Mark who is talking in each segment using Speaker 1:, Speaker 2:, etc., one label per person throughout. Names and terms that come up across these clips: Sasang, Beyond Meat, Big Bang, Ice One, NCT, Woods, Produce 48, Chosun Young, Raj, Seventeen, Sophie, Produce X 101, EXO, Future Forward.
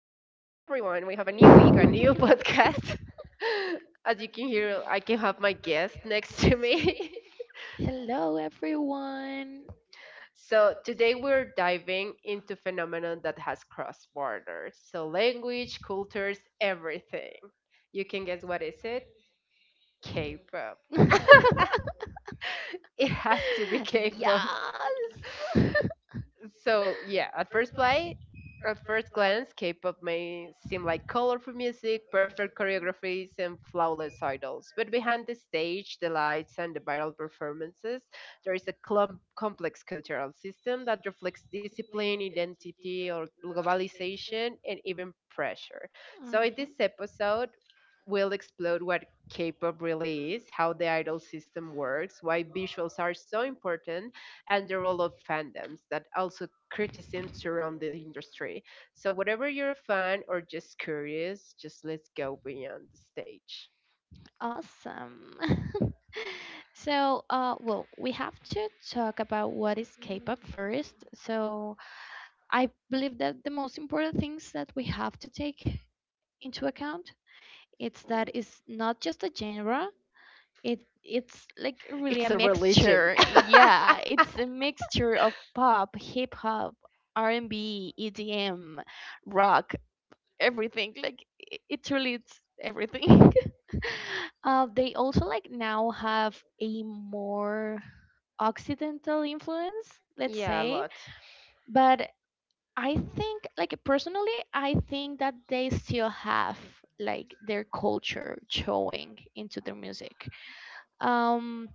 Speaker 1: We have a new week, a new podcast. As you can hear, I can have my guest next to me.
Speaker 2: Hello, everyone.
Speaker 1: So, today we're diving into phenomenon that has crossed borders. So, language, cultures, everything. You can guess what is it? K-pop. It has to be
Speaker 2: Okay.
Speaker 1: K-pop.
Speaker 2: Yes.
Speaker 1: So yeah, at first glance, K-pop may seem like colorful music, perfect choreographies, and flawless idols. But behind the stage, the lights, and the viral performances, there is a complex cultural system that reflects discipline, identity, or globalization, and even pressure.
Speaker 2: So
Speaker 1: So in this
Speaker 2: Mhm.
Speaker 1: episode, we'll explore what K-pop really is, how the idol system works, why visuals are so important, and the role of fandoms that also criticisms around the industry. So whatever you're a fan or just curious, just let's go beyond the stage.
Speaker 2: Awesome. So, well, we have to talk about what is K-pop first. So, I believe that the most important things that we have to take into account it's that it's not just a genre. It's like really
Speaker 1: It's
Speaker 2: a
Speaker 1: a religion.
Speaker 2: mixture. Yeah, it's a mixture of pop, hip hop, R&B, EDM, rock, everything. Like it truly it's everything. They also like now have a more occidental influence, let's
Speaker 1: Yeah, a
Speaker 2: say.
Speaker 1: lot.
Speaker 2: But I think, like personally, I think that they still have like their culture showing into their music. Um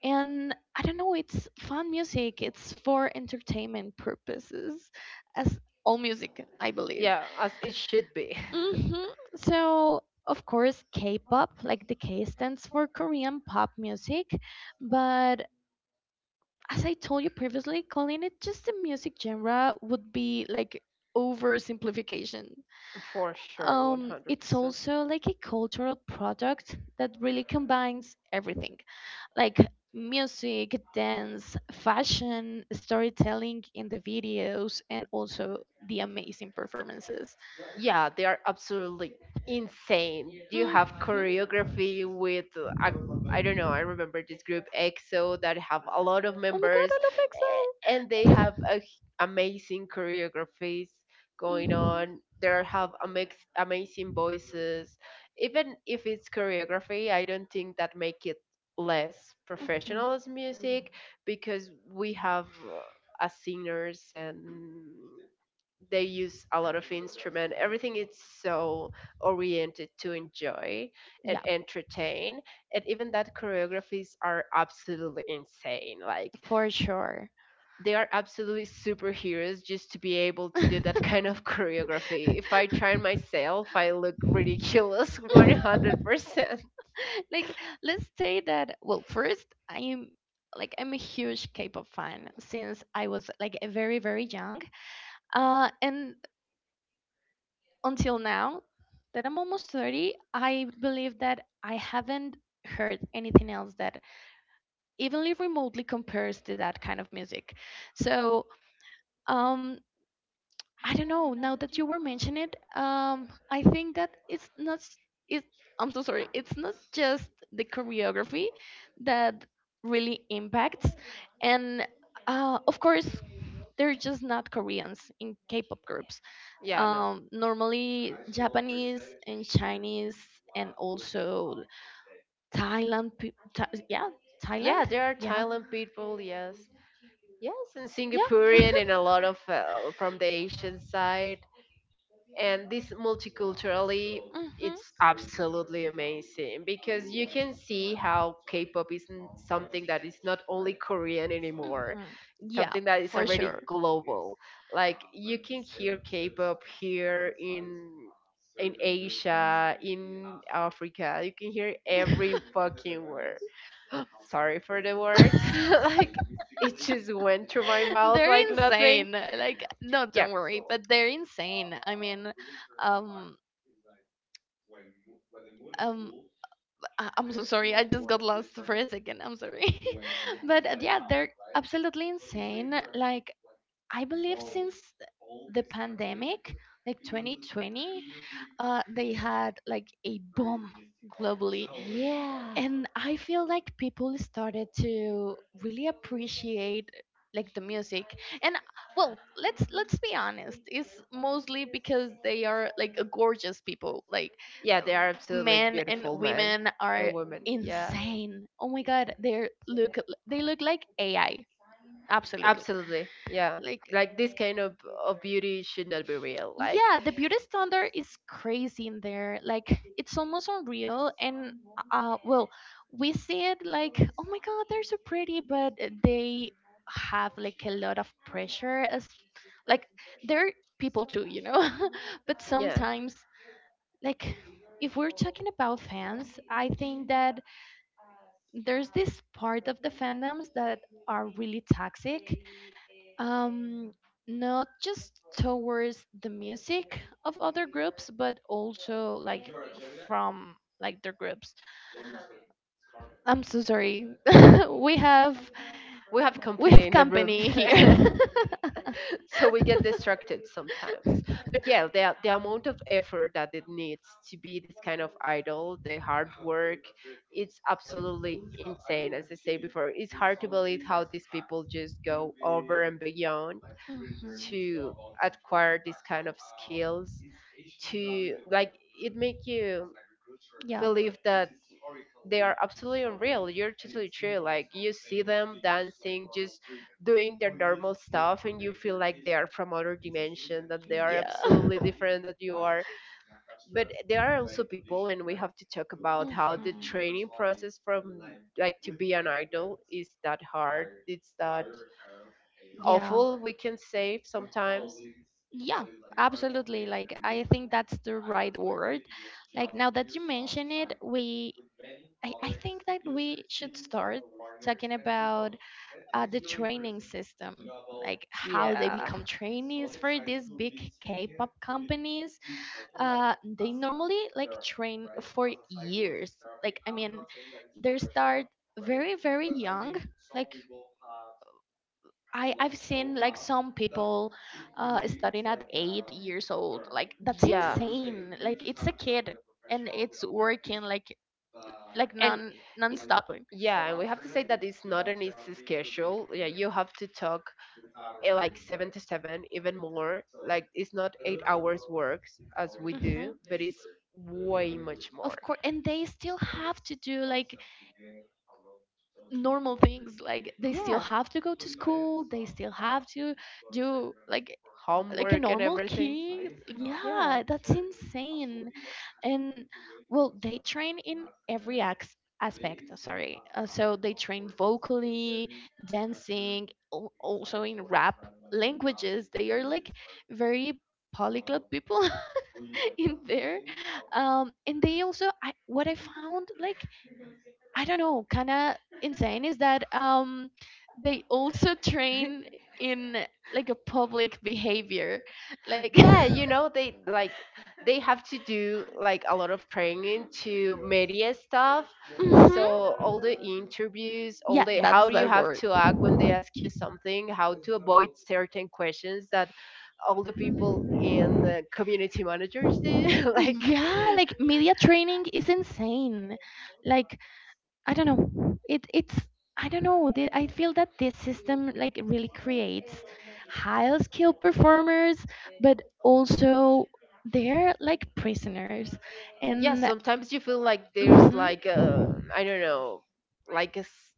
Speaker 2: and I don't know, it's fun music. It's for entertainment purposes, as all music, I believe.
Speaker 1: Yeah, as it should be.
Speaker 2: Hmm. So, of course, K-pop, like the K stands for Korean pop music, but as I told you previously, calling it just a music genre would be like oversimplification.
Speaker 1: For sure,
Speaker 2: It's
Speaker 1: 100%.
Speaker 2: also like a cultural product that really combines everything, like music, dance, fashion, storytelling in the videos, and also the amazing performances.
Speaker 1: Yeah, they are absolutely insane. You
Speaker 2: Mhm.
Speaker 1: have choreography with, I don't know, I remember this group EXO that have a lot of
Speaker 2: Oh my god,
Speaker 1: members,
Speaker 2: I love EXO.
Speaker 1: and they have amazing choreographies going
Speaker 2: Mhm.
Speaker 1: on. They have amazing voices. Even if it's choreography, I don't think that make it less
Speaker 2: Mhm.
Speaker 1: professional as music, because we have as singers, and they use a lot of instrument. Everything is so oriented to enjoy and
Speaker 2: Yeah.
Speaker 1: entertain, and even that choreographies are absolutely insane. Like
Speaker 2: For sure.
Speaker 1: they are absolutely superheroes just to be able to do that kind of choreography. If I try myself, I look ridiculous. 100%.
Speaker 2: Like, let's say that, well, first, I'm a huge K pop fan since I was like a very, very young. And until now that I'm almost 30, I believe that I haven't heard anything else that evenly remotely compares to that kind of music. So, um, I don't know. Now that you were mentioning it, I think that it's not. It, I'm so sorry. It's not just the choreography that really impacts, and of course, they're just not Koreans in K-pop groups,
Speaker 1: Yeah, no.
Speaker 2: normally Japanese and Chinese, and also Thailand. Yeah,
Speaker 1: Yeah,
Speaker 2: Thailand.
Speaker 1: there are
Speaker 2: Yeah,
Speaker 1: Thailand people, yes. Yes, and
Speaker 2: yeah.
Speaker 1: Singaporean and a lot of from the Asian side. And this multiculturally,
Speaker 2: Mhm,
Speaker 1: it's absolutely amazing, because you can see how K-pop isn't something that is not only Korean anymore.
Speaker 2: mhm.
Speaker 1: It's
Speaker 2: Yeah,
Speaker 1: something that is
Speaker 2: for
Speaker 1: already
Speaker 2: sure.
Speaker 1: global. Like you can hear K-pop here in Asia, in Africa. You can hear every fucking word. Sorry for the word. Like it just went through my mouth like
Speaker 2: They're
Speaker 1: nothing.
Speaker 2: insane. Like, no,
Speaker 1: Yeah.
Speaker 2: don't worry, but they're insane. I mean, um, um, I'm so sorry. I just got lost for a second. I'm sorry, but yeah, they're absolutely insane. Like, I believe since the pandemic, like 2020, they had like a boom globally.
Speaker 1: Yeah.
Speaker 2: And I feel like people started to really appreciate like the music. And well, let's be honest, it's mostly because they are like gorgeous people. Like
Speaker 1: Yeah, they are absolutely
Speaker 2: men and
Speaker 1: beautiful men
Speaker 2: women are
Speaker 1: and women. Yeah.
Speaker 2: insane. Oh my god, look they look like AI. Absolutely.
Speaker 1: Absolutely. Yeah.
Speaker 2: Like
Speaker 1: Like this kind of beauty should not be real. Like,
Speaker 2: yeah, the beauty standard is crazy in there. Like it's almost unreal, and uh, well, we see it like, oh my god, they're so pretty, but they have like a lot of pressure as like they're people too, you know. But
Speaker 1: yeah,
Speaker 2: sometimes, like, if we're talking about fans, I think that there's this part of the fandoms that are really toxic, um, not just towards the music of other groups, but also like from like their groups. I'm so sorry. we have
Speaker 1: we have
Speaker 2: we
Speaker 1: company
Speaker 2: have
Speaker 1: in the room.
Speaker 2: company here.
Speaker 1: So we get distracted sometimes, but yeah, the amount of effort that it needs to be this kind of idol, the hard work, it's absolutely insane. As I say before, it's hard to believe how these people just go over and beyond
Speaker 2: Mhm.
Speaker 1: to acquire this kind of skills, to like it make you
Speaker 2: Yeah.
Speaker 1: believe that they are absolutely unreal. You're totally true. Like you see them dancing, just doing their normal stuff, and you feel like they are from other dimension, that they are
Speaker 2: Yeah.
Speaker 1: absolutely different that you are. But there are also people, and we have to talk about how
Speaker 2: Mhm.
Speaker 1: the training process from like to be an idol is that hard. It's that
Speaker 2: Yeah.
Speaker 1: awful. We can say sometimes.
Speaker 2: Yeah, absolutely. Like, I think that's the right word. Like, now that you mention it, I think that we should start talking about the training system, like how they
Speaker 1: Yeah.
Speaker 2: become trainees for these big K-pop companies. They normally like train for years. Like, I mean, they start very, very young, like. I've seen like some people studying at 8 years old. Like that's
Speaker 1: Yeah.
Speaker 2: insane. Like it's a kid and it's working like
Speaker 1: and
Speaker 2: non
Speaker 1: i-
Speaker 2: stopping.
Speaker 1: yeah, and we have to say that it's not an easy schedule. Yeah, you have to talk like 7 to 7, even more. Like it's not 8 hours works as we do,
Speaker 2: Hmm.
Speaker 1: but it's way much more.
Speaker 2: Of course, and they still have to do like normal things. Like they still
Speaker 1: Yeah,
Speaker 2: have to go to school, they still have to do like a
Speaker 1: homework and
Speaker 2: normal
Speaker 1: everything.
Speaker 2: kid.
Speaker 1: Yeah.
Speaker 2: Yeah, that's insane. And well, they train in every aspect, sorry, so they train vocally, dancing, also in rap, languages. They are like very polyglot people. In there. Um, and they also, I what I found like, I don't know, kind of insane is that, um, they also train in like a public behavior, like.
Speaker 1: Yeah, they like, they have to do like a lot of training to media stuff.
Speaker 2: Mhm.
Speaker 1: So all the interviews, all
Speaker 2: Yeah,
Speaker 1: the how
Speaker 2: that's
Speaker 1: you
Speaker 2: that
Speaker 1: have
Speaker 2: word.
Speaker 1: to act when they ask you something, how to avoid certain questions, that all the people in the community managers do. Like,
Speaker 2: Yeah, like media training is insane. Like I don't know. It's I don't know. I feel that this system like really creates high skilled performers, but also they're like prisoners,
Speaker 1: yeah.
Speaker 2: and
Speaker 1: Sometimes you feel like there's
Speaker 2: Mhm.
Speaker 1: like, I don't know, like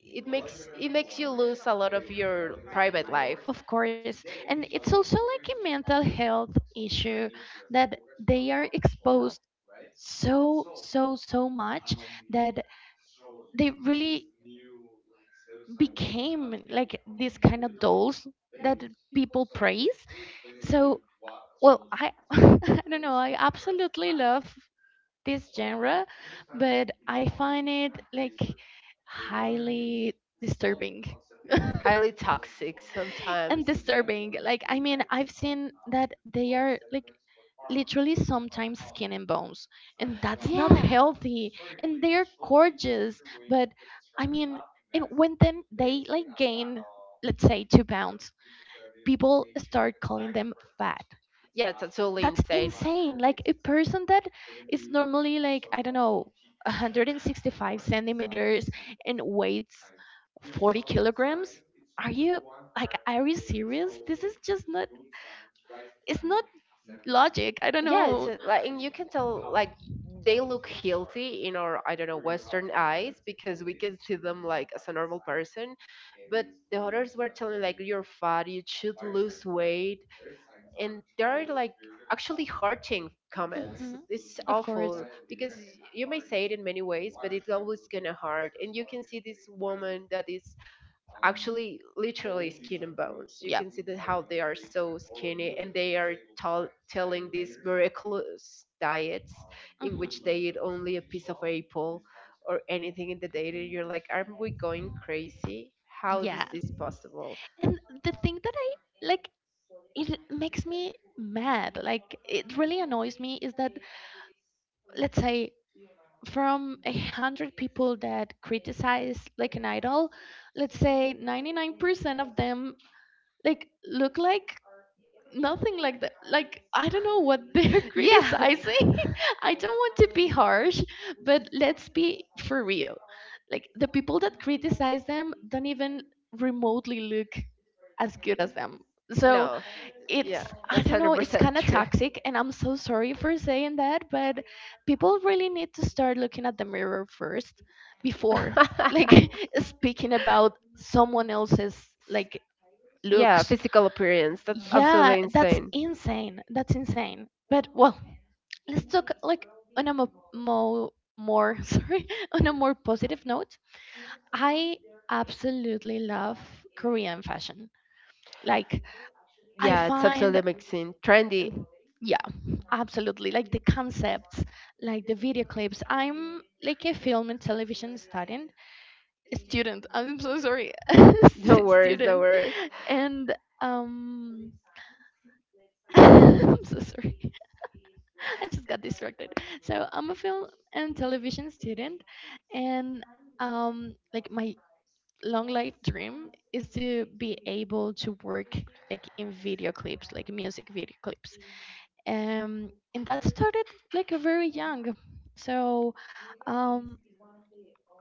Speaker 1: it makes you lose a lot of your private life.
Speaker 2: Of course. And it's also like a mental health issue that they are
Speaker 1: Yeah.
Speaker 2: exposed so, so, so much that they really became like these kind of dolls that people praise. So, well, I, I don't know. I absolutely love this genre, but I find it like highly disturbing.
Speaker 1: Highly toxic
Speaker 2: And
Speaker 1: sometimes.
Speaker 2: disturbing. Like, I mean, I've seen that they are like literally sometimes skin and bones, and that's not
Speaker 1: Yeah,
Speaker 2: healthy. And they're gorgeous, but I mean, and when then they like gain, let's say, 2 pounds, people start calling them fat.
Speaker 1: yeah, it's totally
Speaker 2: That's
Speaker 1: insane.
Speaker 2: insane. Like a person that is normally like, I don't know, 165 centimeters, and weights 40 kilograms. Are you like, are you serious? This is just not. It's not logic. I don't
Speaker 1: Yeah,
Speaker 2: know.
Speaker 1: like, and you can tell, like they look healthy in our, I don't know, western eyes, because we can see them like as a normal person. But the others were telling, like, you're fat, you should lose weight. And there are like actually hurting comments.
Speaker 2: Mhm.
Speaker 1: It's
Speaker 2: Of course.
Speaker 1: awful, because you may say it in many ways, but it's always gonna hurt. And you can see this woman that is actually literally skin and bones. You
Speaker 2: Yeah.
Speaker 1: can see that how they are so skinny, and they are telling these miraculous diets in
Speaker 2: Mhm.
Speaker 1: which they eat only a piece of apple or anything in the day. And you're like, are we going crazy? How
Speaker 2: Yeah.
Speaker 1: is this possible?
Speaker 2: And the thing that I like it makes me mad. Like it really annoys me is that, let's say, from a hundred people that criticize like an idol, let's say 99% of them like look like nothing like that. Like I don't know what they're
Speaker 1: Yeah,
Speaker 2: criticizing. I don't want to be harsh, but let's be for real. Like the people that criticize them don't even remotely look as good as them. So
Speaker 1: no, yeah,
Speaker 2: it's, I
Speaker 1: that's
Speaker 2: don't
Speaker 1: hundred
Speaker 2: know, it's
Speaker 1: percent
Speaker 2: kind of
Speaker 1: true.
Speaker 2: toxic, and I'm so sorry for saying that, but people really need to start looking at the mirror first before like speaking about someone else's like
Speaker 1: Yeah,
Speaker 2: looks.
Speaker 1: physical appearance. That's
Speaker 2: Yeah,
Speaker 1: absolutely
Speaker 2: that's
Speaker 1: insane.
Speaker 2: insane. That's insane. But well, let's talk like on a mo mo more sorry, on a more positive note. I absolutely love Korean fashion. Like I
Speaker 1: Yeah, it's
Speaker 2: find,
Speaker 1: absolutely mixing. Trendy.
Speaker 2: yeah, absolutely. Like the concepts, like the video clips. I'm like a film and television student. Student. I'm so sorry.
Speaker 1: The worst, the
Speaker 2: Student.
Speaker 1: worst.
Speaker 2: And um I'm so sorry. I just got distracted. So I'm a film and television student, and like my long life dream is to be able to work like in video clips, like music video clips. And that started like a very young. So um,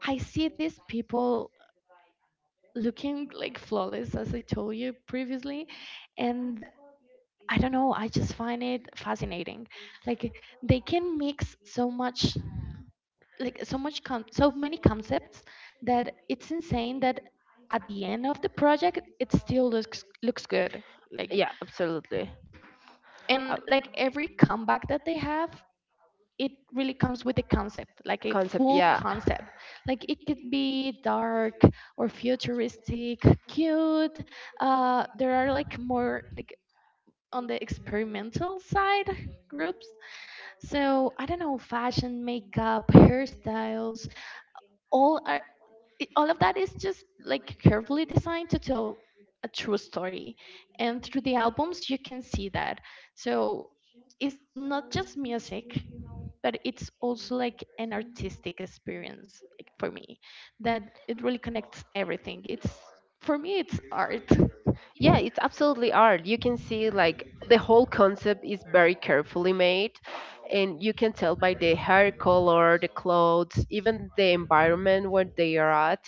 Speaker 2: I see these people looking like flawless, as I told you previously, and I don't know. I just find it fascinating. Like they can mix so much, like so much so many concepts, that it's insane that at the end of the project it still looks good. Like
Speaker 1: Yeah, absolutely. Uh,
Speaker 2: and like every comeback that they have, it really comes with a concept, like a
Speaker 1: Concept,
Speaker 2: full
Speaker 1: yeah.
Speaker 2: concept. Like it could be dark or futuristic, cute, uh, there are like more like on the experimental side groups. So, I don't know, fashion, makeup, hairstyles, all are. All of that is just like carefully designed to tell a true story, and through the albums you can see that. So it's not just music, but it's also like an artistic experience, like for me, that it really connects everything. It's, for me, it's art.
Speaker 1: Yeah, it's absolutely art. You can see like the whole concept is very carefully made, and you can tell by the hair color, the clothes, even the environment where they are at,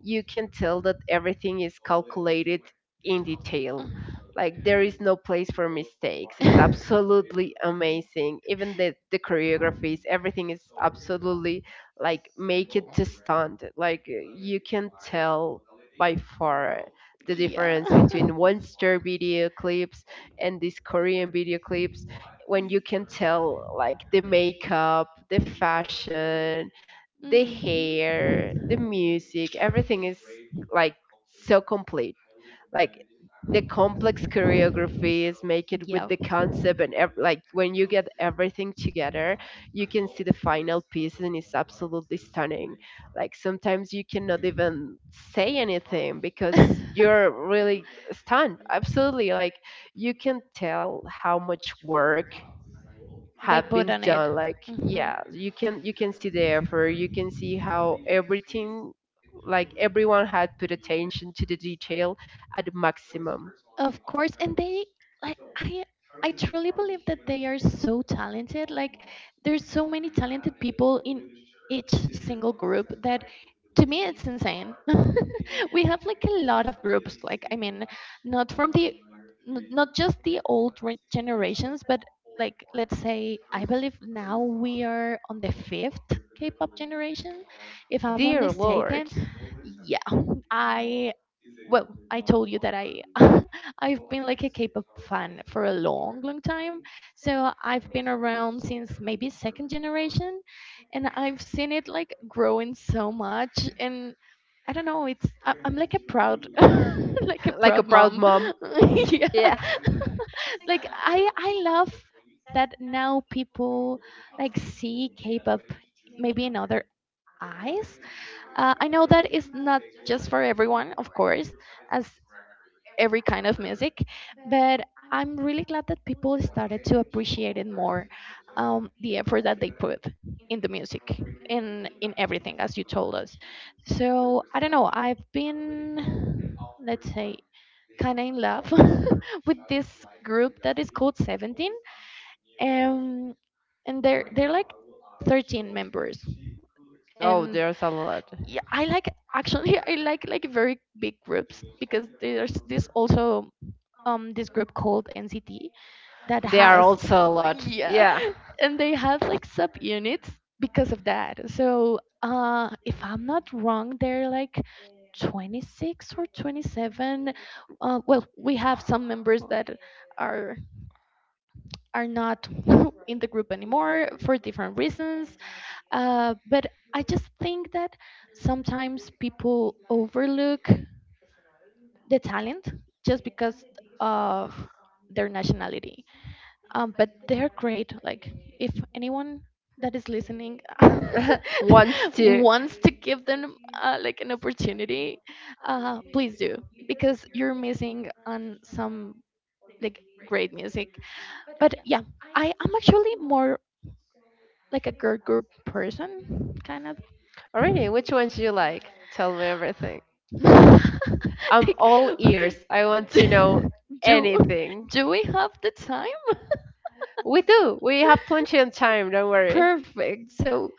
Speaker 1: you can tell that everything is calculated in detail. Like
Speaker 2: Mm.
Speaker 1: there is no place for mistakes. It's absolutely amazing. Even the choreographies, everything is absolutely like make it to stunt. Like you can tell by far the
Speaker 2: Yeah.
Speaker 1: difference between one star video clips and these Korean video clips, when you can tell like the makeup, the fashion, the
Speaker 2: Mhm.
Speaker 1: hair, the music, everything is like so complete. Like the complex choreographies make it with
Speaker 2: Yeah,
Speaker 1: the concept, like when you get everything together, you can see the final piece, and it's absolutely stunning. Like sometimes you cannot even say anything, because you're really stunned. Absolutely. Like you can tell how much work
Speaker 2: they
Speaker 1: have
Speaker 2: put
Speaker 1: been
Speaker 2: on it.
Speaker 1: done, like,
Speaker 2: Hmm.
Speaker 1: yeah, you can see the effort. You can see how everything, like everyone had put attention to the detail at the maximum.
Speaker 2: Of course, and they like, I truly believe that they are so talented. Like there's so many talented people in each single group that to me it's insane. We have like a lot of groups. Like I mean, not from the not just the old generations, but like let's say I believe now we are on the fifth K-pop generation, if I'm not
Speaker 1: Dear Lord.
Speaker 2: mistaken. Yeah, I, well, I told you that I I've been like a K-pop fan for a long, long time. So I've been around since maybe second generation, and I've seen it like growing so much. And I don't know, it's, I'm like a proud, like a
Speaker 1: Like
Speaker 2: proud
Speaker 1: a proud
Speaker 2: mom.
Speaker 1: mom.
Speaker 2: Yeah,
Speaker 1: Yeah.
Speaker 2: like I love that now people like see K-pop maybe in other eyes. I know that it's not just for everyone, of course, as every kind of music, but I'm really glad that people started to appreciate it more, the effort that they put in the music, in everything, as you told us. So I don't know. I've been, let's say, kind of in love with this group that is called Seventeen, um, and they're like 13 members,
Speaker 1: Oh,
Speaker 2: and
Speaker 1: there's a lot.
Speaker 2: yeah, I like, actually, I like very big groups, because there's this also, um, this group called NCT that
Speaker 1: They are
Speaker 2: has,
Speaker 1: also a lot.
Speaker 2: yeah,
Speaker 1: Yeah.
Speaker 2: and they have like subunits because of that. So uh, if I'm not wrong, they're like 26 or 27, uh, well, we have some members that are are not in the group anymore for different reasons. But I just think that sometimes people overlook the talent just because of their nationality. But they're great. Like, if anyone that is listening
Speaker 1: Wants to.
Speaker 2: wants to give them like an opportunity, please do because you're missing on some like great music. But yeah, I am actually more like a girl group person, kind of.
Speaker 1: Alrighty, which ones you like? Tell me everything. I'm
Speaker 2: Like,
Speaker 1: all ears. I want to know
Speaker 2: do do
Speaker 1: anything.
Speaker 2: do we have the time?
Speaker 1: We do. We have plenty of time. Don't worry.
Speaker 2: Perfect. So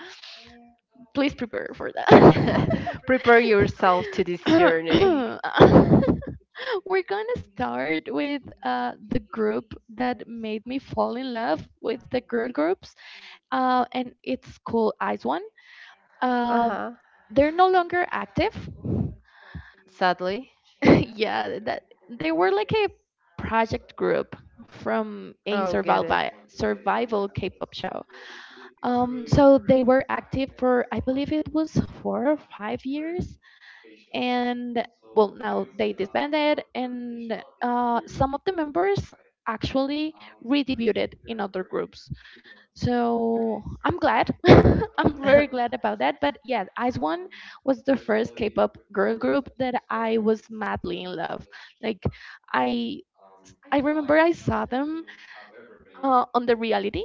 Speaker 2: please prepare for that.
Speaker 1: Prepare yourself to this journey.
Speaker 2: We're gonna start with the group that made me fall in love with the girl groups, and it's called Ice One.
Speaker 1: Uh
Speaker 2: Uh,
Speaker 1: huh.
Speaker 2: they're no longer active,
Speaker 1: Sadly.
Speaker 2: yeah, that they were like a project group from a
Speaker 1: Oh, get it.
Speaker 2: survival K-pop show. So they were active for, I believe, it was 4 or 5 years, and, well, now they disbanded, and some of the members actually redebuted in other groups. So I'm glad. I'm very glad about that. But yeah, Ice One was the first K-pop girl group that I was madly in love. Like, I I remember I saw them on the reality,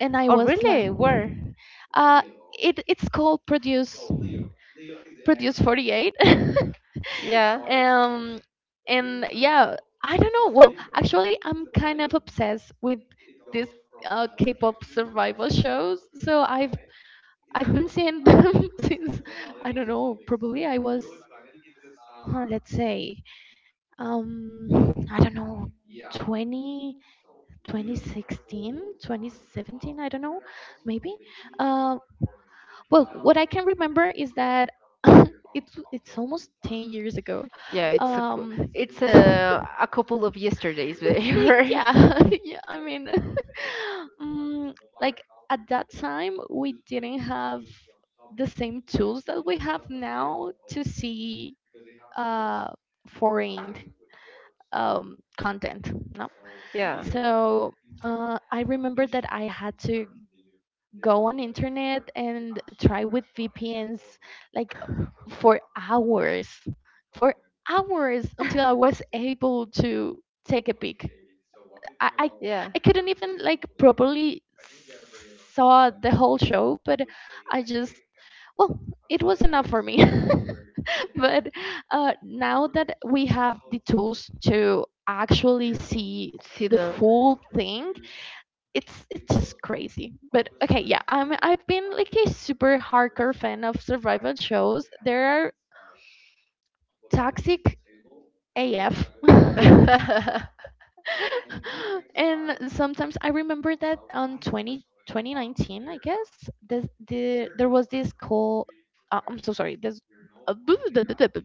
Speaker 2: and I
Speaker 1: Oh,
Speaker 2: was like
Speaker 1: really? Where?
Speaker 2: uh it's called produce 48.
Speaker 1: Yeah.
Speaker 2: um and yeah, I don't know. Well, actually, I'm kind of obsessed with these K-pop survival shows, so I've been seeing them since I don't know, probably I was, let's say, um I don't know, 20 2016, 2017. I don't know, maybe. uh, well, what I can remember is that it's almost 10 years ago.
Speaker 1: Yeah,
Speaker 2: um
Speaker 1: it's a a couple of yesterdays where.
Speaker 2: Like, yeah, yeah, I mean, mm, like at that time, we didn't have the same tools that we have now to see uh, foreign content. No,
Speaker 1: Yeah,
Speaker 2: so I remember that I had to go on internet and try with VPNs, like, for hours, for hours, until I was able to take a peek. I,
Speaker 1: yeah,
Speaker 2: I couldn't even, like, properly saw the whole show, but I just, well, it was enough for me. But now that we have the tools to actually see
Speaker 1: see
Speaker 2: the
Speaker 1: them.
Speaker 2: full thing, it's just crazy. But okay, yeah, I'm, I've been like a super hardcore fan of survival shows. There are toxic AF. And sometimes I remember that on 20 2019, I guess, there was this call. I'm so sorry.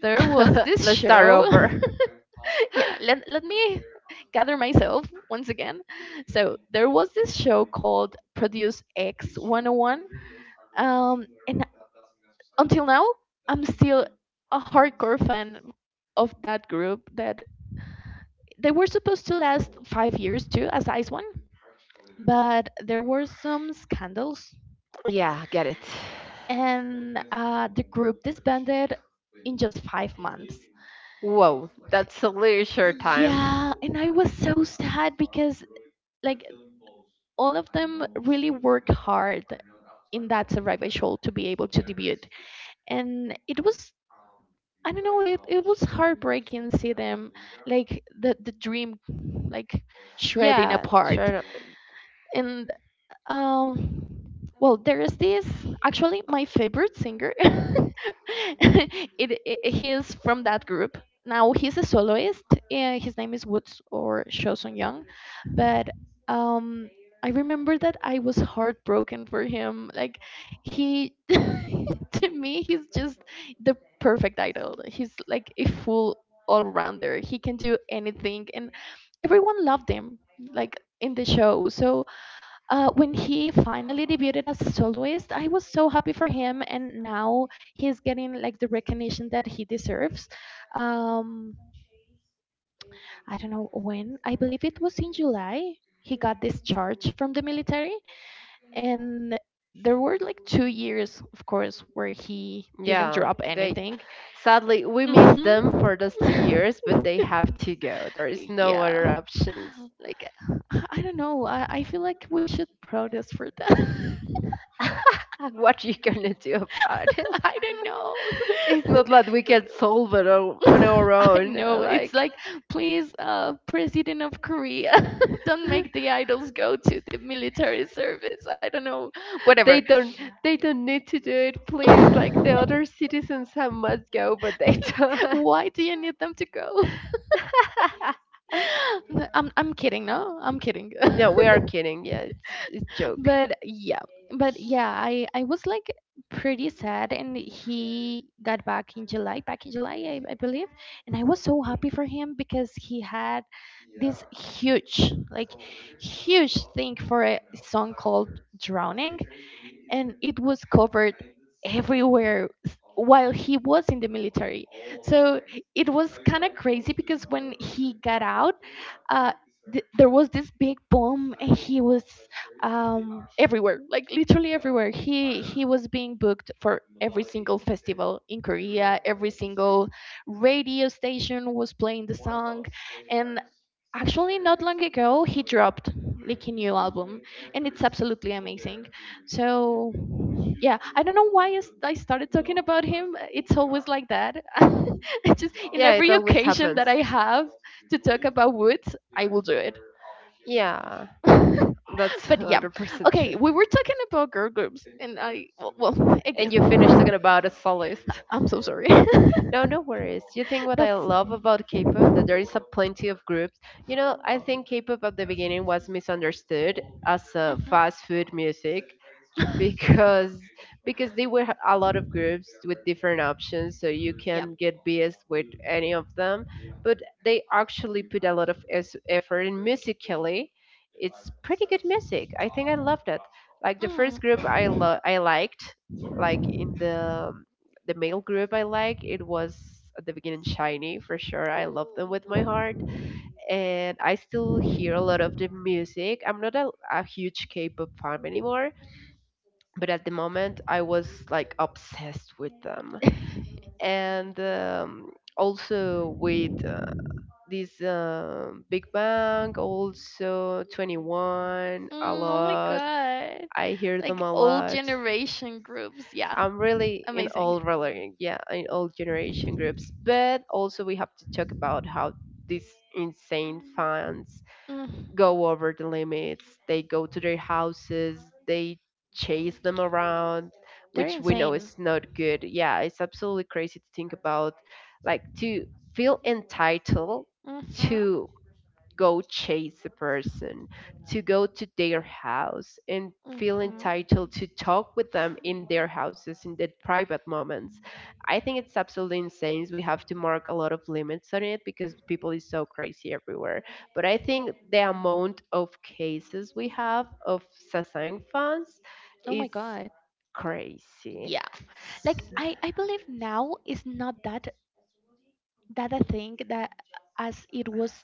Speaker 2: there was this
Speaker 1: Let's start
Speaker 2: show.
Speaker 1: over.
Speaker 2: Yeah, let me gather myself once again. So there was this show called Produce X 101. And until now, I'm still a hardcore fan of that group, that they were supposed to last 5 years too, as Ice One, but there were some scandals,
Speaker 1: Yeah, get it.
Speaker 2: and the group disbanded in just 5 months.
Speaker 1: Whoa, that's a really short time.
Speaker 2: Yeah, and I was so sad because, like, all of them really worked hard in that survival show to be able to debut. And it was, I don't know, it was heartbreaking to see them, like the dream, like, shredding
Speaker 1: Yeah,
Speaker 2: apart.
Speaker 1: sure.
Speaker 2: And um, well, there is this, actually my favorite singer. It, he is from that group. Now he's a soloist. And his name is Woods, or Chosun Young, but um, I remember that I was heartbroken for him. Like, he, to me, he's just the perfect idol. He's like a full all-rounder. He can do anything, and everyone loved him. Like, in the show, so when he finally debuted as a soloist, I was so happy for him, and now he's getting like the recognition that he deserves. Um, I don't know when. I believe it was in July. He got discharged from the military, and there were like 2 years, of course, where he didn't
Speaker 1: Yeah,
Speaker 2: drop
Speaker 1: they
Speaker 2: anything.
Speaker 1: sadly we miss them
Speaker 2: Mhm.
Speaker 1: for those 2 years, but they have to go. There is no
Speaker 2: Yeah,
Speaker 1: other options.
Speaker 2: like, I don't know. I feel like we should protest for that.
Speaker 1: What you gonna do about it?
Speaker 2: I don't
Speaker 1: It's
Speaker 2: know.
Speaker 1: not like we can solve it on our
Speaker 2: I
Speaker 1: own.
Speaker 2: know. It's
Speaker 1: Like,
Speaker 2: like, please, President of Korea, don't make the idols go to the military service. I don't know. Whatever.
Speaker 1: they don't, they don't need to do it. Please, like the other citizens have must go, but they don't.
Speaker 2: Why do you need them to go? I'm kidding. No, I'm kidding.
Speaker 1: No, we are kidding. Yeah, it's joke.
Speaker 2: But yeah, I was like pretty sad, and he got back in July, I believe. And I was so happy for him because he had this huge, like, huge thing for a song called Drowning, and it was covered everywhere while he was in the military. So it was kind of crazy because when he got out, uh, there was this big boom, and he was everywhere, like literally everywhere. He was being booked for every single festival in Korea, every single radio station was playing the song. And actually, not long ago, he dropped like a new album, and it's absolutely amazing. So yeah, I don't know why I started talking about him. It's always like that. I just, in
Speaker 1: Yeah, it
Speaker 2: every
Speaker 1: always
Speaker 2: occasion
Speaker 1: happens.
Speaker 2: that I have to talk about Woods, I will do it.
Speaker 1: Yeah, that's
Speaker 2: But yeah.
Speaker 1: 100%
Speaker 2: Okay,
Speaker 1: true.
Speaker 2: we were talking about girl groups, and I well, I guess,
Speaker 1: And you finished talking about a soloist.
Speaker 2: I'm so sorry.
Speaker 1: No, no worries. You think what I
Speaker 2: That's.
Speaker 1: love about K-pop that there is a plenty of groups.
Speaker 2: Mhm.
Speaker 1: You know, I think K-pop at the beginning was misunderstood as a fast food music, because because there were a lot of groups with different options, so you can get BS with any of them. But they actually put a lot of effort, and musically it's pretty good music. I think I loved it. Like the
Speaker 2: Mm.
Speaker 1: first group
Speaker 2: Ooh.
Speaker 1: I liked, like in the male group I like, it was at the beginning Shiny for sure. I loved them with my heart. And I still hear a lot of the music. I'm not a huge K-pop fan anymore, but at the moment I was like obsessed with them, and also with this Big Bang, also 21 a
Speaker 2: Mm, oh my
Speaker 1: lot.
Speaker 2: god.
Speaker 1: I hear them
Speaker 2: Like,
Speaker 1: a
Speaker 2: old
Speaker 1: lot.
Speaker 2: generation groups. Yeah.
Speaker 1: I'm really in
Speaker 2: Amazing.
Speaker 1: all relevant, yeah, in all generation groups. But also we have to talk about how these insane fans
Speaker 2: Mm-hmm.
Speaker 1: go over the limits. They go to their houses, they chase them around,
Speaker 2: They're
Speaker 1: which we know
Speaker 2: insane.
Speaker 1: is not good. Yeah, it's absolutely crazy to think about, like to feel entitled
Speaker 2: Mhm.
Speaker 1: to go chase a person, to go to their house and feel
Speaker 2: Mhm.
Speaker 1: entitled to talk with them in their houses in their private moments. I think it's absolutely insane. We have to mark a lot of limits on it, because people is so crazy everywhere. But I think the amount of cases we have of Sasang fans
Speaker 2: Oh my
Speaker 1: is
Speaker 2: god.
Speaker 1: crazy.
Speaker 2: Yeah. Like,
Speaker 1: S-
Speaker 2: I believe now is not that I think that, as it was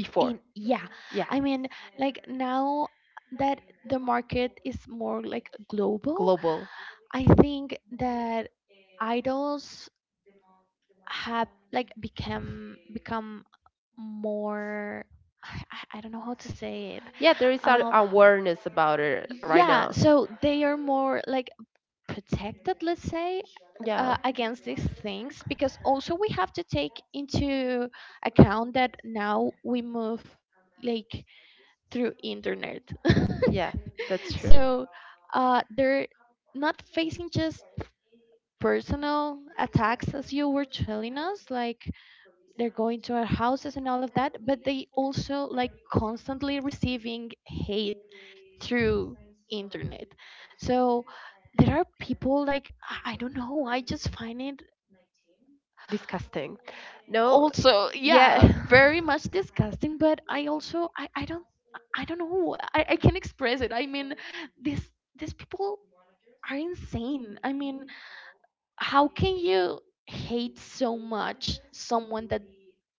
Speaker 1: Before,
Speaker 2: in, yeah.
Speaker 1: yeah,
Speaker 2: I mean, like, now that the market is more like global,
Speaker 1: global.
Speaker 2: I think that idols have, like, become more, I don't know how to say it.
Speaker 1: Yeah, there is an
Speaker 2: uh,
Speaker 1: awareness about it right
Speaker 2: yeah,
Speaker 1: now.
Speaker 2: so they are more like protected, let's say,
Speaker 1: Yeah,
Speaker 2: against these things. Because also, we have to take into account that now we move, like, through internet.
Speaker 1: yeah, that's true.
Speaker 2: So they're not facing just personal attacks, as you were telling us, like they're going to our houses and all of that, but they also, like, constantly receiving hate through internet. So there are people, like, I don't know, I just find it
Speaker 1: Disgusting. No,
Speaker 2: also,
Speaker 1: yeah,
Speaker 2: yeah, very much disgusting. But I also, I don't, I don't know, I can not express it. I mean, this these people are insane. I mean, how can you hate so much someone that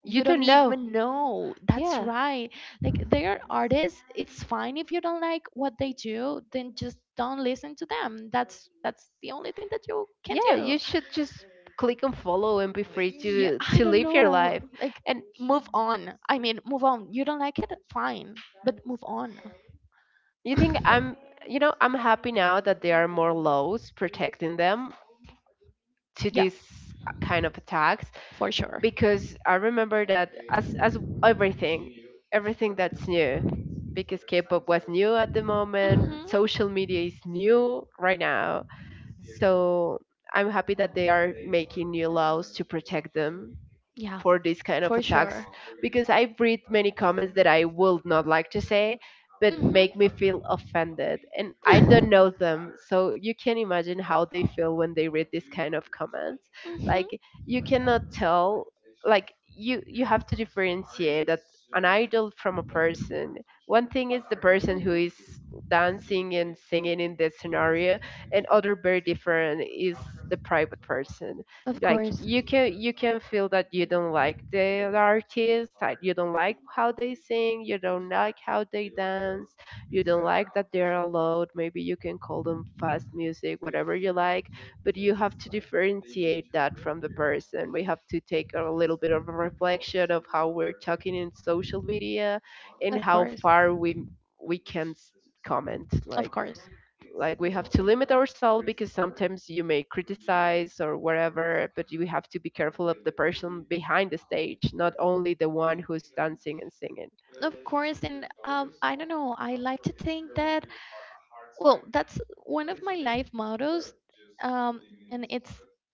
Speaker 1: you
Speaker 2: you don't
Speaker 1: don't know.
Speaker 2: even know? That's
Speaker 1: Yeah.
Speaker 2: right. Like, they are artists. It's fine if you don't like what they do, then just don't listen to them. That's the only thing that you can
Speaker 1: Yeah,
Speaker 2: do.
Speaker 1: you should just click on follow and be free
Speaker 2: Yeah,
Speaker 1: to
Speaker 2: I
Speaker 1: to
Speaker 2: don't
Speaker 1: live your
Speaker 2: know,
Speaker 1: life.
Speaker 2: like,
Speaker 1: And
Speaker 2: move on. I mean, move on. You don't like it, fine, but move on.
Speaker 1: you think I'm happy now that there are more laws protecting them to
Speaker 2: Yeah,
Speaker 1: this kind of attacks.
Speaker 2: for sure.
Speaker 1: Because I remember that as everything, everything that's new, because K-pop was new at the
Speaker 2: Hmm.
Speaker 1: moment, social media is new right now, so I'm happy that they are making new laws to protect them
Speaker 2: Yeah,
Speaker 1: for this kind of
Speaker 2: for
Speaker 1: attacks.
Speaker 2: sure.
Speaker 1: Because I read many comments that I would not like to say, but make me feel
Speaker 2: Hmm.
Speaker 1: offended, and I don't know them, so you can imagine how they feel when they read this kind of comments.
Speaker 2: Mhm.
Speaker 1: Like, you cannot tell, like you have to differentiate that an idol from a person. One thing is the person
Speaker 2: Mhm.
Speaker 1: who is dancing and singing in the scenario, and other very different is the private person.
Speaker 2: Of
Speaker 1: Like
Speaker 2: course.
Speaker 1: you can feel that you don't like the artist, like you don't like how they sing, you don't like how they dance, you don't like that they're loud. Maybe you can call them fast music, whatever you like, but you have to differentiate that from the person. We have to take a little bit of a reflection of how we're talking in social media, and
Speaker 2: Of
Speaker 1: how
Speaker 2: course.
Speaker 1: far we can comment.
Speaker 2: Of
Speaker 1: Like
Speaker 2: course.
Speaker 1: like we have to limit ourselves, because sometimes you may criticize or whatever, but you have to be careful of the person behind the stage, not only the one who's dancing and singing.
Speaker 2: Of course, and I don't know. I like to think that, well, that's one of my life mottos, um, and it's,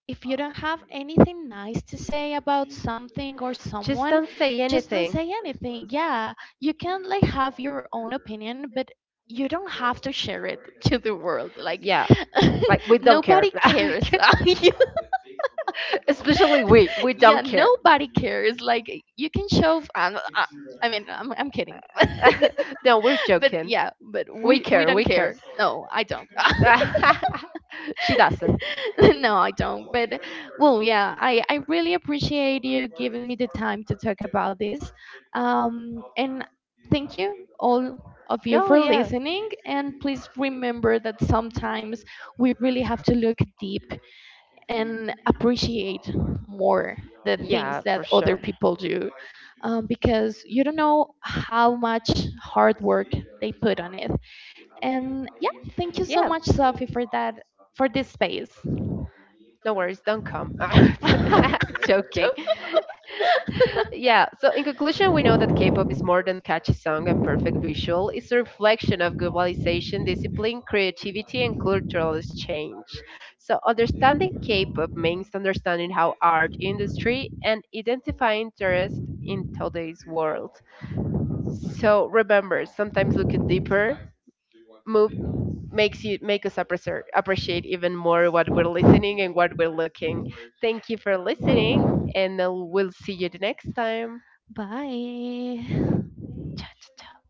Speaker 2: if you don't have anything nice to say about something or
Speaker 1: Just
Speaker 2: someone,
Speaker 1: don't say
Speaker 2: just don't
Speaker 1: anything.
Speaker 2: say anything. Yeah, you can, like, have your own opinion, but you don't have to share it to the world. Like,
Speaker 1: Yeah, like we don't care.
Speaker 2: nobody cares. You-
Speaker 1: Especially we
Speaker 2: yeah,
Speaker 1: don't care.
Speaker 2: nobody cares. Like, you can show. I mean, I'm kidding.
Speaker 1: No, we're
Speaker 2: But
Speaker 1: joking.
Speaker 2: yeah, but
Speaker 1: We
Speaker 2: we
Speaker 1: care,
Speaker 2: don't
Speaker 1: we
Speaker 2: care.
Speaker 1: care.
Speaker 2: No, I don't.
Speaker 1: She doesn't.
Speaker 2: No, I don't. But, well, yeah, I really appreciate you giving me the time to talk about this. And thank you, all of you,
Speaker 1: No,
Speaker 2: for
Speaker 1: yeah.
Speaker 2: listening. And please remember that sometimes we really have to look deep and appreciate more the things
Speaker 1: Yeah,
Speaker 2: that
Speaker 1: for
Speaker 2: other
Speaker 1: sure.
Speaker 2: people do, because you don't know how much hard work they put on it. And yeah, thank you so
Speaker 1: Yeah.
Speaker 2: much, Sophie, for that, for this space.
Speaker 1: No worries, don't come. Joking. Yeah, so in conclusion, we know that K-pop is more than catchy song and perfect visual. It's a reflection of globalization, discipline, creativity, and cultural exchange. So understanding K-pop means understanding how art industry and identify interest in today's world. So remember, sometimes looking deeper move make us appreciate even more what we're listening and what we're looking. Thank you for listening, and we'll see you the next time.
Speaker 2: Bye.
Speaker 1: Ciao, ciao, ciao.